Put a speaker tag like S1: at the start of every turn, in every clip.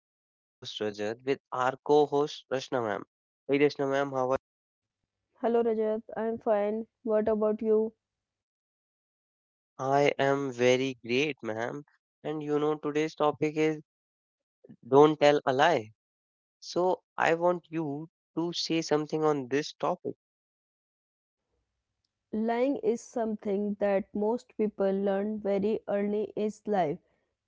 S1: This is your host Rajat with our co-host Rashna ma'am. Hey, Rashna ma'am, how are
S2: Hello Rajat, I'm fine. What about you?
S1: you? I am very great, ma'am. And you know, today's topic is don't tell a lie. So I want you to say something on this topic.
S2: Lying is something that most people learn very early in life.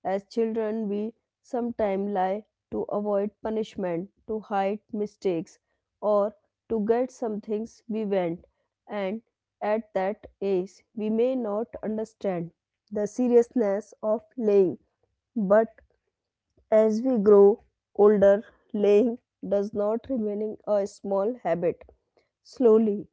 S2: As children, we sometimes lie to avoid punishment, to hide mistakes, or to get some things we want. And at that age, we may not understand the seriousness of lying. But as we grow older, lying does not remain a small habit. Slowly,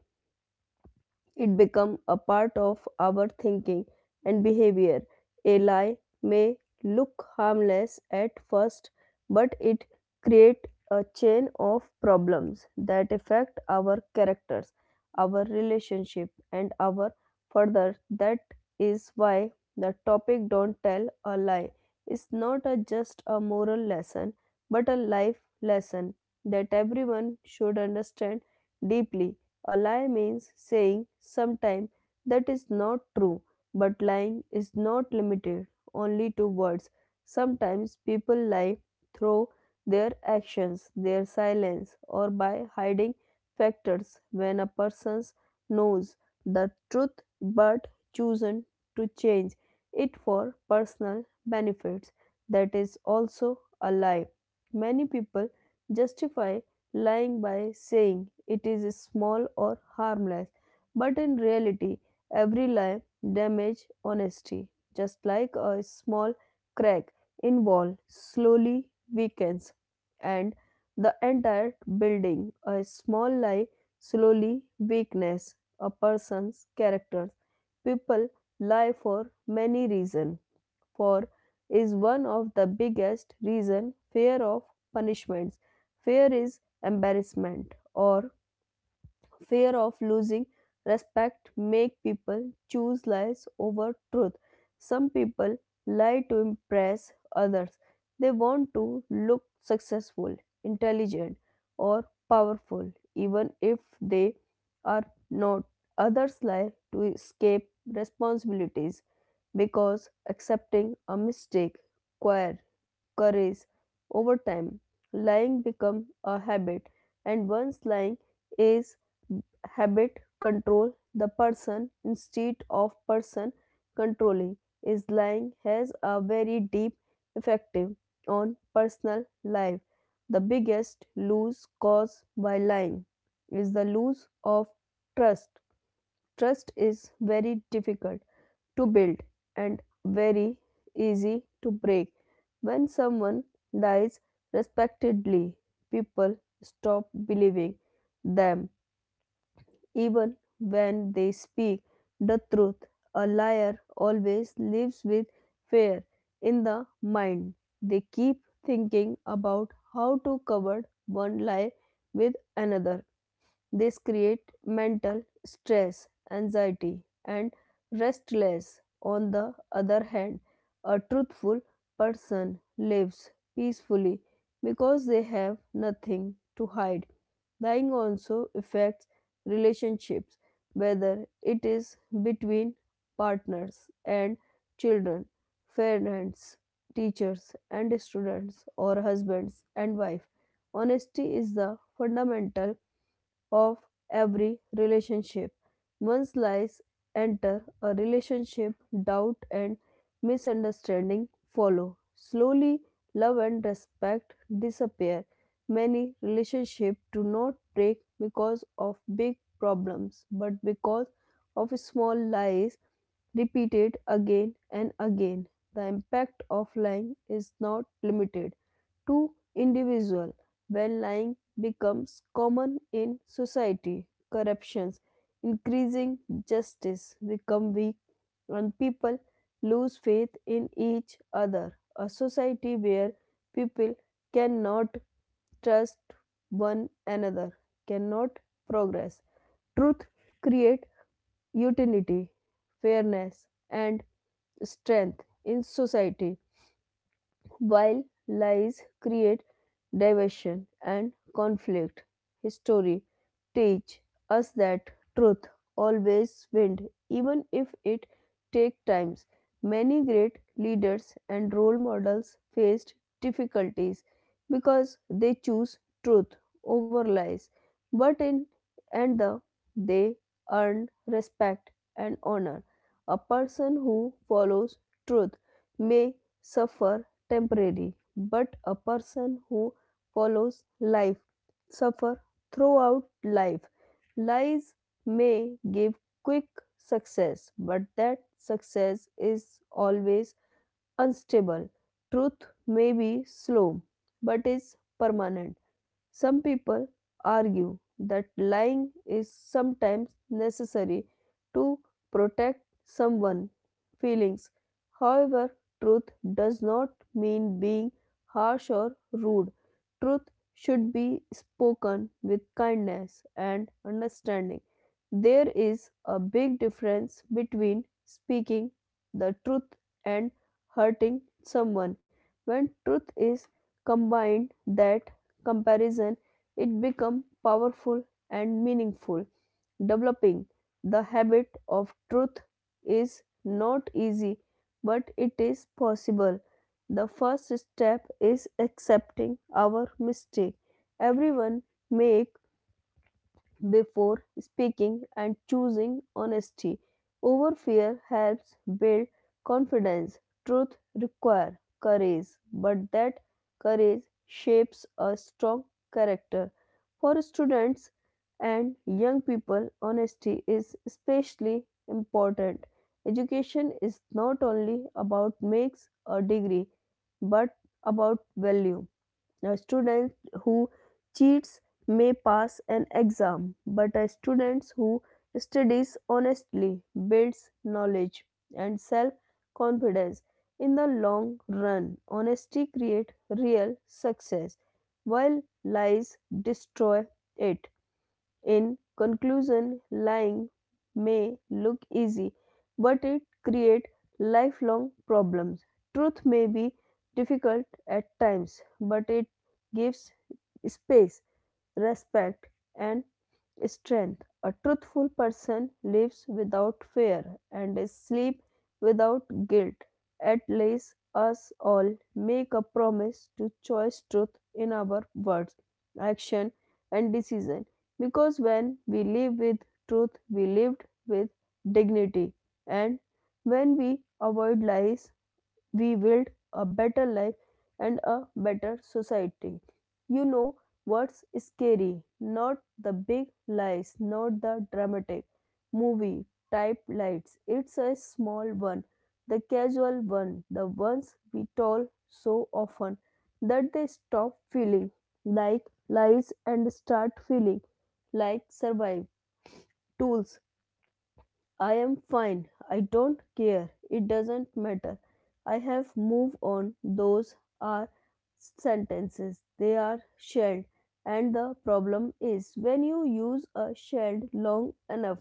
S2: it become a part of our thinking and behavior. A lie may look harmless at first, but it create a chain of problems that affect our characters, our relationship, and our further. That is why the topic "Don't Tell a Lie" is not a just a moral lesson, but a life lesson that everyone should understand deeply a lie means saying sometime that is not true, but lying is not limited only to words. Sometimes people lie through their actions, their silence, or by hiding factors when a person knows the truth but chosen to change it for personal benefits. That is also a lie. Many people justify lying by saying it is small or harmless, but in reality, every lie damages honesty, just like a small crack in wall slowly weakens, and the entire building. A small lie slowly weakens a person's character. People lie for many reasons for is one of the biggest reason fear of punishments fear is embarrassment or fear of losing respect make people choose lies over truth. Some people lie to impress others. They want to look successful, intelligent, or powerful, even if they are not. Others lie to escape responsibilities because accepting a mistake requires courage over time. Lying becomes a habit, and once lying is habit control the person instead of person controlling is lying has a very deep effect on personal life the biggest lose caused by lying is the lose of trust trust is very difficult to build and very easy to break when someone lies respectedly people stop believing them even when they speak the truth, a liar always lives with fear in the mind. They keep thinking about how to cover one lie with another these create mental stress, anxiety, and restlessness. On the other hand, a truthful person lives peacefully because they have nothing to hide. Lying also affects relationships, whether it is between partners and children, parents, teachers and students, or husbands and wife. Honesty is the fundamental of every relationship. Once lies enter a relationship, doubt and misunderstanding follow. Slowly, love and respect disappear. Many relationships do not break because of big problems, but because of small lies repeated again and again. The impact of lying is not limited to individual when lying becomes common in society, corruptions, increasing justice become weak and people lose faith in each other. A society where people cannot trust one another cannot progress. Truth create utility, fairness and strength in society. While lies create division and conflict, history teach us that truth always wins, even if it take times. Many great leaders and role models faced difficulties because they choose truth over lies, but in and the they earn respect and honor. A person who follows truth may suffer temporary, but a person who follows life, suffer throughout life. Lies may give quick success, but that success is always unstable. Truth may be slow, but is permanent. Some people argue that lying is sometimes necessary to protect someone's feelings. However, truth does not mean being harsh or rude. Truth should be spoken with kindness and understanding. There is a big difference between speaking the truth and hurting someone. When truth is combined, that comparison, it becomes powerful and meaningful. Developing the habit of truth is not easy, but it is possible. The first step is accepting our mistake. Everyone make before speaking and choosing honesty over fear helps build confidence. Truth requires courage, but that courage shapes a strong character. For students and young people, honesty is especially important. Education is not only about makes a degree but about value. A student who cheats may pass an exam, but a student who studies honestly builds knowledge and self confidence. In the long run, honesty creates real success, while lies destroy it. In conclusion, lying may look easy, but it creates lifelong problems. Truth may be difficult at times, but it gives space, respect, and strength. A truthful person lives without fear and sleeps without guilt. At least us all make a promise to choose truth in our words, action, and decision. Because when we live with truth, we lived with dignity, and when we avoid lies, we build a better life and a better society. You know what's scary? Not the big lies, not the dramatic movie type lies. It's a small one, the casual one, the ones we tell so often that they stop feeling like lies and start feeling like survive tools I am fine. I don't care. It doesn't matter. I have moved on. Those are sentences. They are shelled. And the problem is when you use a shell long enough,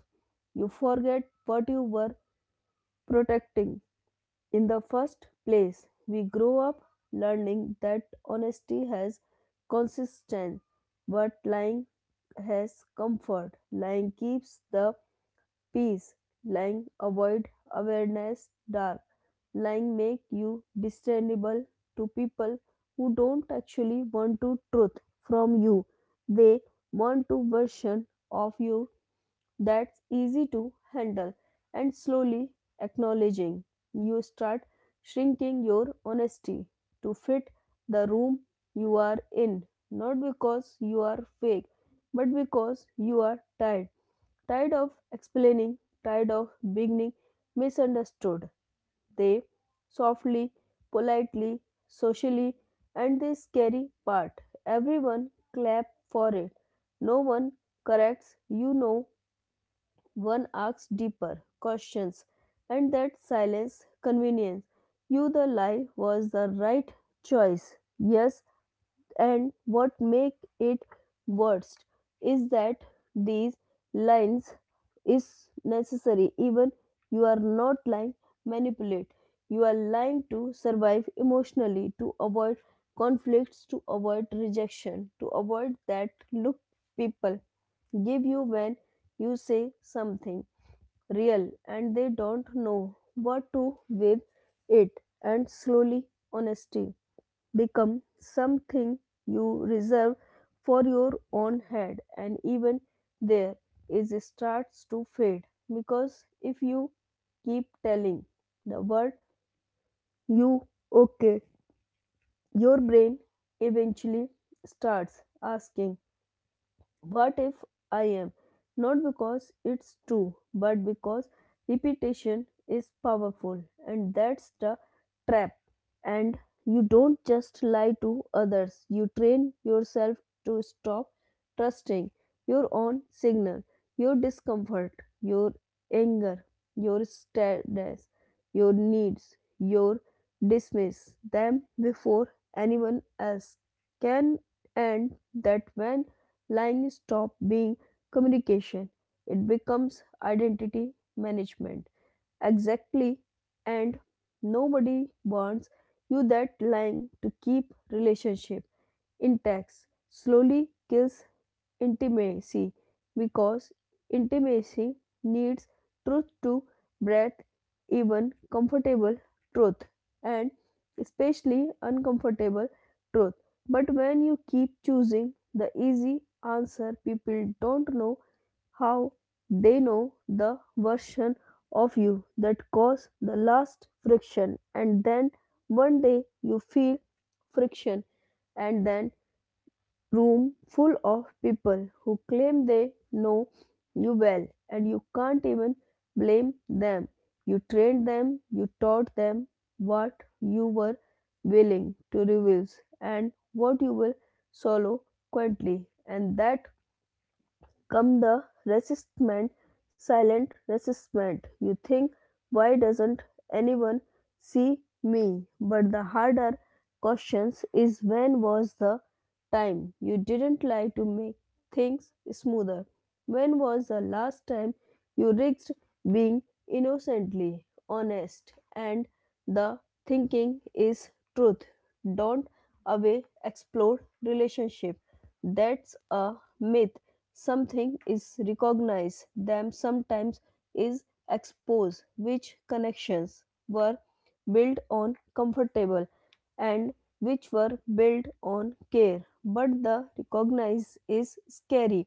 S2: you forget what you were protecting. In the first place, we grow up learning that honesty has consistency, but lying has comfort. Lying keeps the peace. Lying avoid awareness dark. Lying make you discernible to people who don't actually want to truth from you. They want to version of you that's easy to handle and slowly acknowledging you start shrinking your honesty to fit the room you are in not because you are fake but because you are tired. Tired of explaining, tired of being misunderstood, they softly, politely, socially, and the scary part everyone clap for it. No one corrects, one asks deeper questions, and that silence convenience. You, the lie, was the right choice. Yes, and what make it worst is that these lines is necessary even you are not lying manipulate you are lying to survive emotionally to avoid conflicts to avoid rejection to avoid that look people give you when you say something real and they don't know what to with it and slowly honesty become something you reserve for your own head and even there is starts to fade because if you keep telling the world you okay your brain eventually starts asking what if I am? Not because it's true, but because repetition is powerful, and that's the trap. And you don't just lie to others, you train yourself to stop trusting your own signal, your discomfort, your anger, your sadness, your needs, your dismiss them before anyone else can, and that when lying stops being communication, it becomes identity management. Exactly, and nobody wants you that lying to keep relationship intact slowly kills intimacy because intimacy needs truth to breathe even comfortable truth and especially uncomfortable truth but when you keep choosing the easy answer, people don't know how they know the version of you that caused the last friction. And then one day you feel friction, and then room full of people who claim they know you well, and you can't even blame them. You trained them, you taught them what you were willing to reveal and what you will swallow quietly, and that come the resistment, silent resistment. You think, why doesn't anyone see me? But the harder questions is when was the time you didn't lie to make things smoother? When was the last time you risked being innocently honest? And the thinking is truth. Don't away explode relationship. That's a myth something is recognized them sometimes is exposed which connections were built on comfortable and which were built on care but the recognize is scary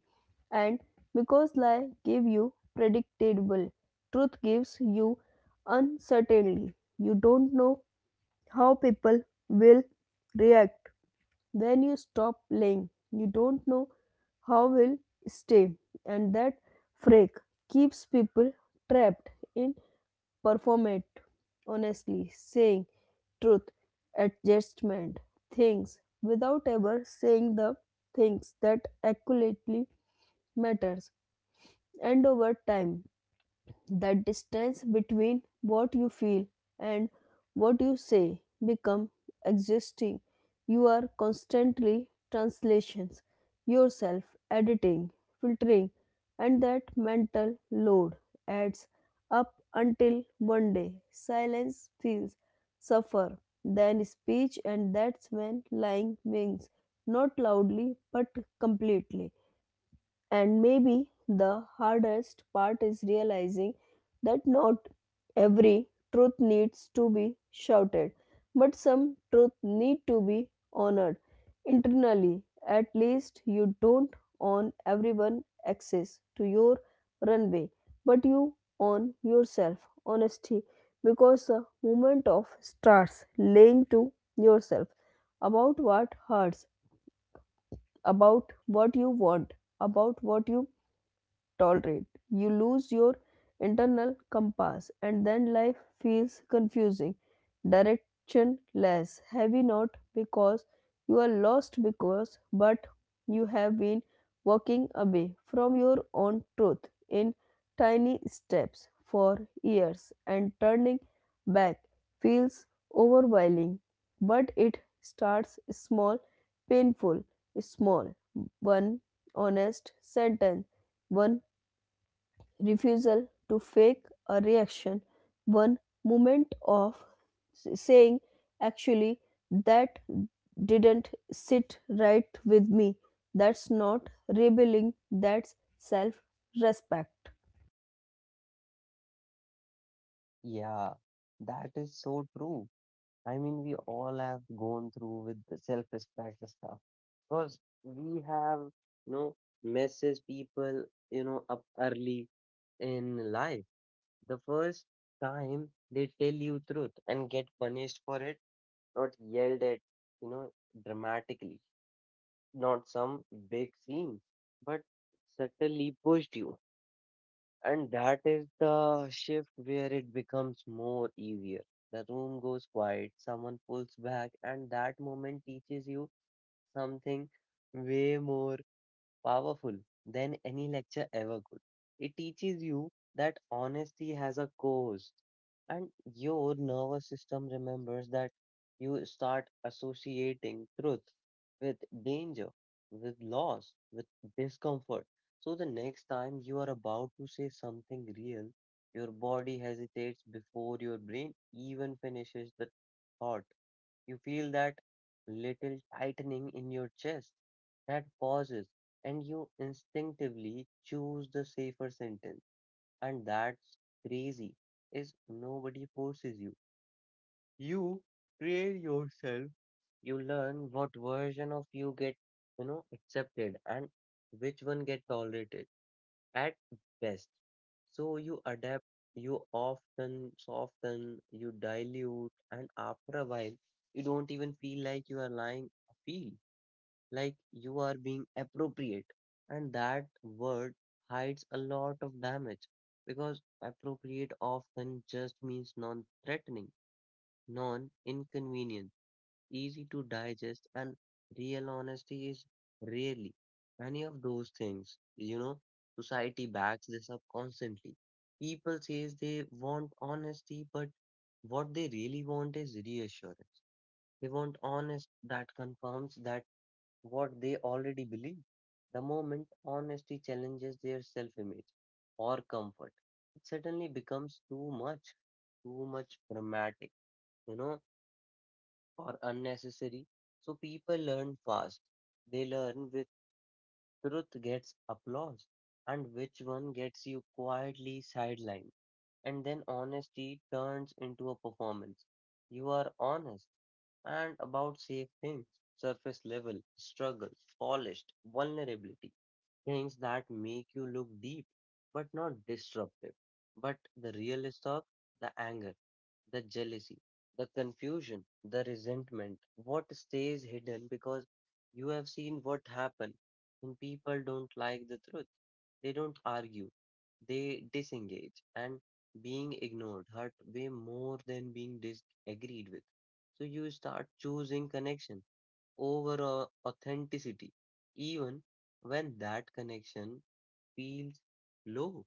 S2: and because lie give you predictable truth gives you uncertainty you don't know how people will react then you stop playing. You don't know how will stay and that freak keeps people trapped in performate honestly saying truth adjustment things without ever saying the things that accurately matters and over time the distance between what you feel and what you say become existing you are constantly translations yourself editing filtering and that mental load adds up until one day silence feels suffer than speech and that's when lying wins not loudly but completely and maybe the hardest part is realizing that not every truth needs to be shouted, but some truth need to be honored internally. At least you don't own everyone access to your runway, but you own yourself honesty because the moment of starts laying to yourself about what hurts, about what you want, about what you tolerate. You lose your internal compass, and then life feels confusing, directionless, heavy not because you are lost because but you have been walking away from your own truth in tiny steps for years and turning back feels overwhelming but it starts small painful small one honest sentence one refusal to fake a reaction, one moment of saying, actually, that didn't sit right with me. That's not rebelling, that's self respect.
S1: Yeah, that is so true. I mean, we all have gone through with the self-respect stuff because we have, you know, message people, up early in life. The first time they tell you truth and get punished for it, not yelled at, you know, dramatically, not some big scene, but subtly pushed you. And that is the shift where it becomes more easier. The room goes quiet, someone pulls back, and that moment teaches you something way more powerful than any lecture ever could. It teaches you that honesty has a cost, and your nervous system remembers that. You start associating truth with danger, with loss, with discomfort. So the next time you are about to say something real, your body hesitates before your brain even finishes the thought. You feel that little tightening in your chest, that pauses, and you instinctively choose the safer sentence. And that's crazy, is nobody forces you. You train yourself. You learn what version of you get accepted and which one get tolerated at best. So you adapt, you often soften, you dilute, and after a while, you don't even feel like you are lying, feel like you are being appropriate. And that word hides a lot of damage because appropriate often just means non threatening, non inconvenient, easy to digest, and real honesty is rarely any of those things. Society backs this up constantly. People says they want honesty, but what they really want is reassurance. They want honest that confirms that what they already believe. The moment honesty challenges their self-image or comfort, it suddenly becomes too much dramatic, you know or unnecessary. So people learn fast. They learn with truth gets applause and which one gets you quietly sidelined. And then honesty turns into a performance. You are honest and about safe things, surface level, struggle, polished, vulnerability things that make you look deep but not disruptive. But the real stuff, the anger, the jealousy, the confusion, the resentment, what stays hidden because you have seen what happened when people don't like the truth. They don't argue, they disengage, and being ignored hurt way more than being disagreed with. So you start choosing connection over authenticity, even when that connection feels low.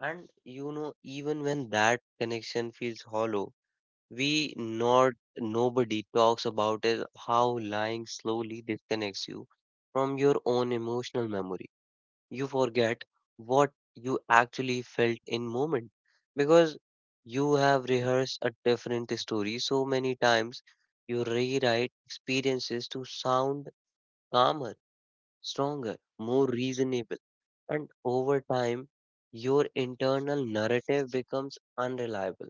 S1: And even when that connection feels hollow, we not nobody talks about is how lying slowly disconnects you from your own emotional memory. You forget what you actually felt in moment because you have rehearsed a different story so many times. You rewrite experiences to sound calmer, stronger, more reasonable. And over time, your internal narrative becomes unreliable.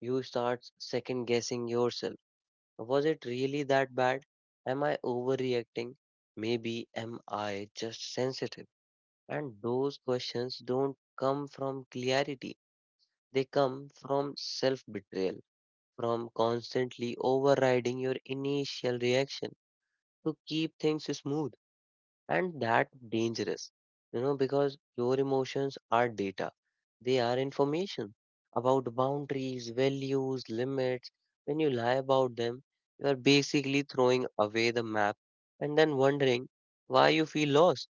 S1: You start second guessing yourself. Was it really that bad? Am I overreacting? Maybe am I just sensitive? And those questions don't come from clarity, they come from self betrayal, from constantly overriding your initial reaction to keep things smooth. And that dangerous, because your emotions are data. They are information about boundaries, values, limits. When you lie about them, you are basically throwing away the map and then wondering why you feel lost.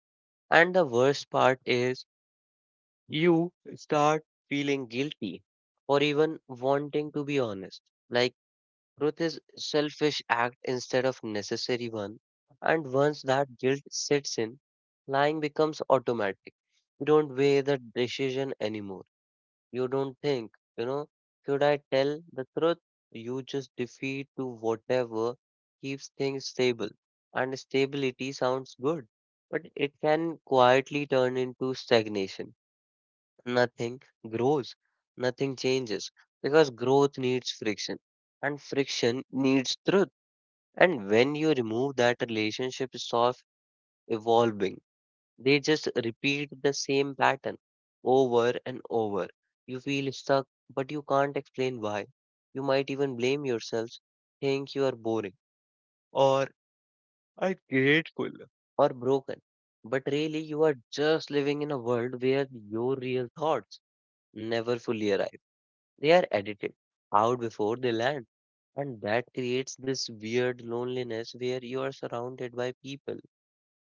S1: And the worst part is you start feeling guilty or even wanting to be honest, like truth is selfish act instead of necessary one, and once that guilt sits in, lying becomes automatic. You don't weigh the decision anymore. You don't think, you know, should I tell the truth? You just defeat to whatever keeps things stable. And stability sounds good, but it can quietly turn into stagnation. Nothing grows, nothing changes because growth needs friction and friction needs truth. And when you remove that, relationship stop evolving. They just repeat the same pattern over and over. You feel stuck, but you can't explain why. You might even blame yourself, think you are boring or ungrateful or broken. But really, you are just living in a world where your real thoughts never fully arrive. They are edited out before they land, and that creates this weird loneliness where you are surrounded by people,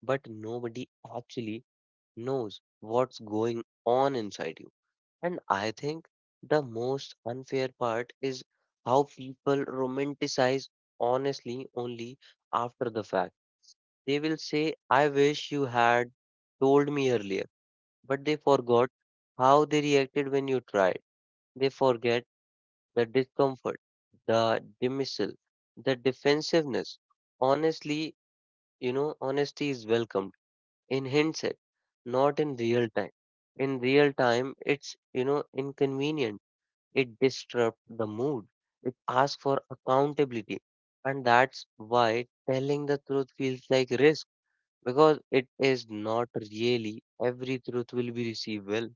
S1: but nobody actually knows what's going on inside you. And I think the most unfair part is how people romanticize honestly only after the fact. They will say, I wish you had told me earlier, but they forgot how they reacted when you tried. They forget the discomfort, the dismissal, the defensiveness. Honestly, honesty is welcomed in hindsight, not in real time. In real time, it's, inconvenient. It disrupts the mood. It asks for accountability. And that's why telling the truth feels like risk because it is not really every truth will be received well.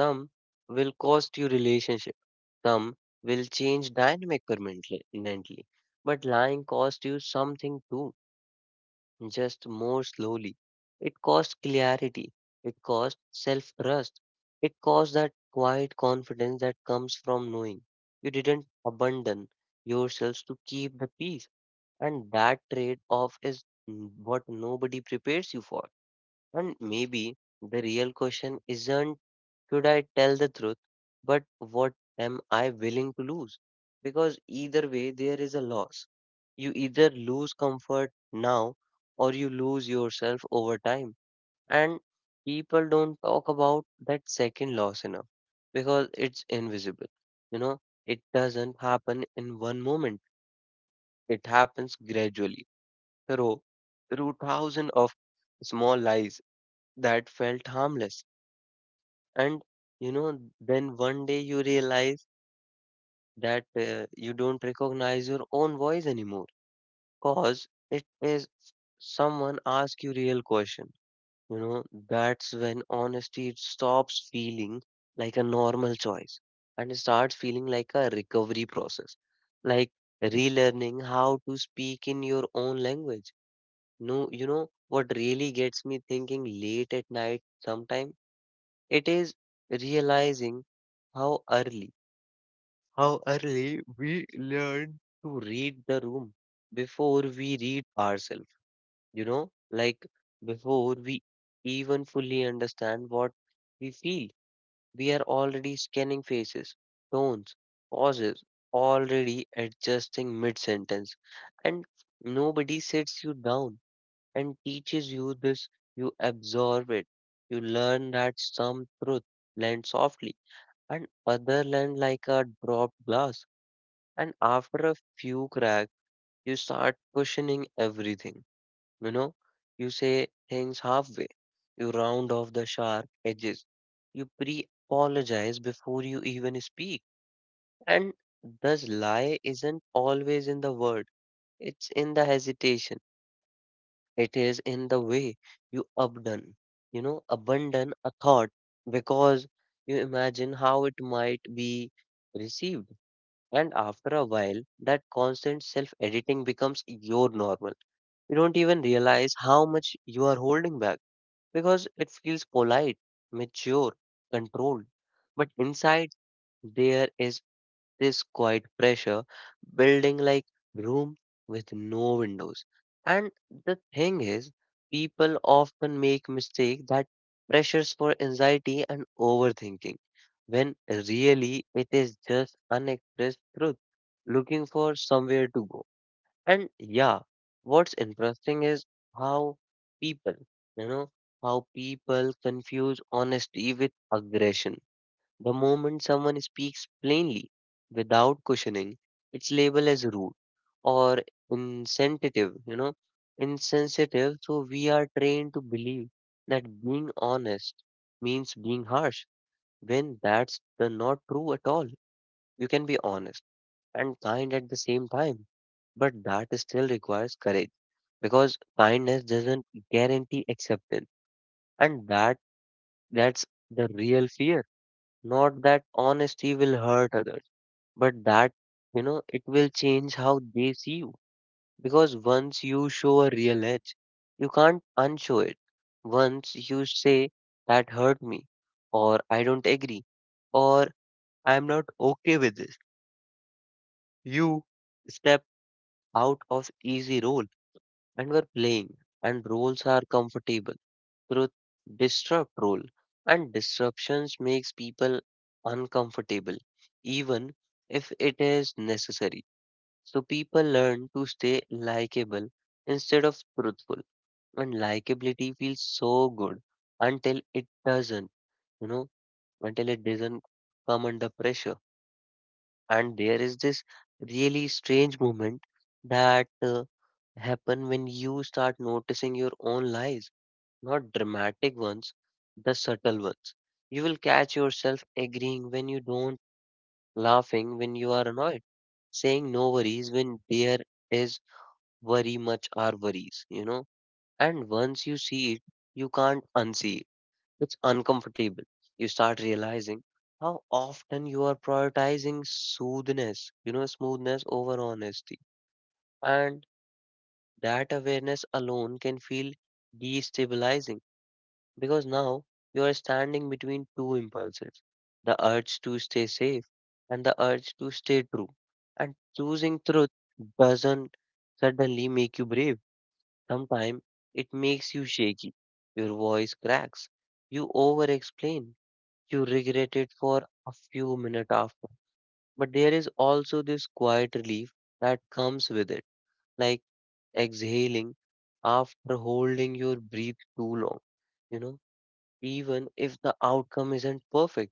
S1: Some will cost you relationship. Some will change dynamic permanently. But lying costs you something too, just more slowly. It costs clarity. It costs self trust. It costs that quiet confidence that comes from knowing you didn't abandon yourselves to keep the peace. And that trade off is what nobody prepares you for. And maybe the real question isn't should I tell the truth? But what am I willing to lose? Because either way, there is a loss. You either lose comfort now or you lose yourself over time. And people don't talk about that second loss enough because it's invisible. You know, it doesn't happen in one moment, it happens gradually through, through thousands of small lies that felt harmless. And then one day you realize that you don't recognize your own voice anymore because it is someone ask you real question you know that's when honesty stops feeling like a normal choice and it starts feeling like a recovery process, like relearning how to speak in your own language. No, you know what really gets me thinking late at night sometime? It is realizing how early we learn to read the room before we read ourselves, like before we even fully understand what we feel. We are already scanning faces, tones, pauses, already adjusting mid sentence. And nobody sits you down and teaches you this. You absorb it. You learn that some truth lands softly and other land like a dropped glass, and after a few cracks, you start questioning everything. You know, you say things halfway, you round off the sharp edges, you pre apologize before you even speak. And this lie isn't always in the word, it's in the hesitation, it is in the way you abandon a thought because you imagine how it might be received. And after a while, that constant self editing becomes your normal. You don't even realize how much you are holding back because it feels polite, mature, controlled. But inside, there is this quiet pressure building, like room with no windows. And the thing is, people often make mistake that pressures for anxiety and overthinking when really it is just unexpressed truth looking for somewhere to go. And yeah, what's interesting is how people, you know, people confuse honesty with aggression. The moment someone speaks plainly, without questioning, it's labeled as rude or insensitive, you know, insensitive. So we are trained to believe that being honest means being harsh when that's the not true at all. You can be honest and kind at the same time, but that still requires courage because kindness doesn't guarantee acceptance, and that's the real fear. Not that honesty will hurt others, but that, it will change how they see you. Because once you show a real edge, you can't unshow it. Once you say, that hurt me, or I don't agree, or I'm not okay with this, you step out of easy role and were playing, and roles are comfortable. Truth disrupt role, and disruptions makes people uncomfortable, even if it is necessary. So people learn to stay likable instead of truthful. And likability feels so good until it doesn't, you know, until it doesn't come under pressure. And there is this really strange moment that happen when you start noticing your own lies, not dramatic ones, the subtle ones. You will catch yourself agreeing when you don't, laughing when you are annoyed, saying no worries when there is worry much are worries. And once you see it, you can't unsee it. It's uncomfortable. You start realizing how often you are prioritizing smoothness over honesty. And that awareness alone can feel destabilizing because now you are standing between two impulses, the urge to stay safe and the urge to stay true. And choosing truth doesn't suddenly make you brave. Sometimes it makes you shaky, your voice cracks, you over explain, you regret it for a few minutes after. But there is also this quiet relief that comes with it, like exhaling after holding your breath too long. You know, Even if the outcome isn't perfect,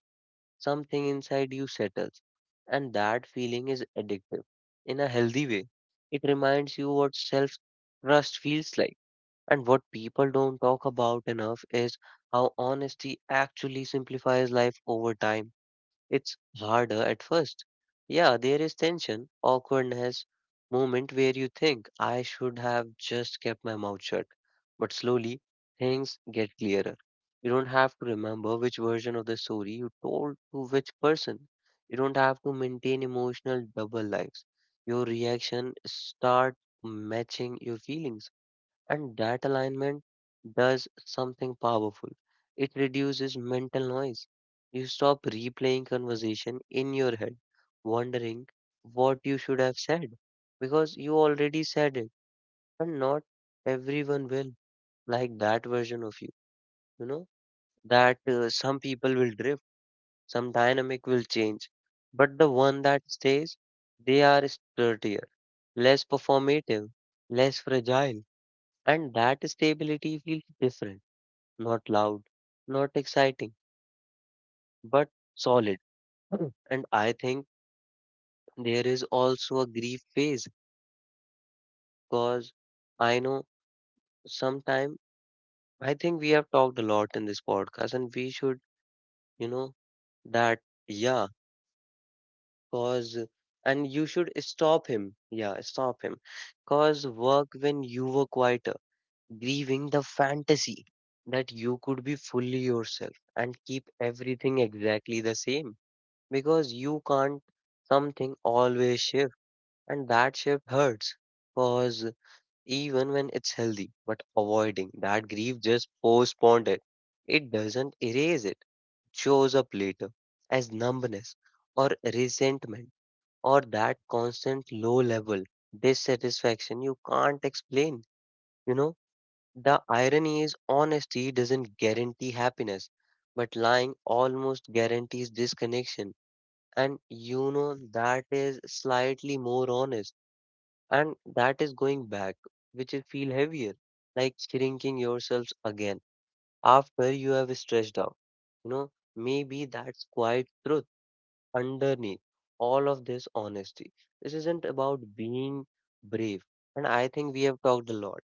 S1: something inside you settles, and that feeling is addictive in a healthy way. It reminds you what self trust feels like, and what people don't talk about enough is how honesty actually simplifies life over time. It's harder at first. Yeah, there is tension, awkwardness, moment where you think I should have just kept my mouth shut. But slowly things get clearer. You don't have to remember which version of the story you told to which person. You don't have to maintain emotional double lives. Your reaction start matching your feelings, and that alignment does something powerful. It reduces mental noise. You stop replaying conversation in your head, wondering what you should have said, because you already said it, and not everyone will like that version of you. You know, that some people will drift, some dynamic will change, but the one that stays, they are sturdier, less performative, less fragile, and that stability feels different, not loud, not exciting, but solid. Mm. And I think there is also a grief phase because I know sometime I think we have talked a lot in this podcast and we should, you know, that yeah, cause and you should stop him. Yeah, stop him. Cause work when you were quieter, grieving the fantasy that you could be fully yourself and keep everything exactly the same. Because you can't something always shift and that shift hurts because even when it's healthy but avoiding that grief just postponed it. It doesn't erase it, shows up later as numbness or resentment or that constant low level dissatisfaction you can't explain you know the irony is honesty doesn't guarantee happiness but lying almost guarantees disconnection. And you know that is slightly more honest, and that is going back, which is feel heavier, like shrinking yourselves again after you have stretched out. you know Maybe that's quite truth underneath all of this honesty. This isn't about being brave, and I think we have talked a lot.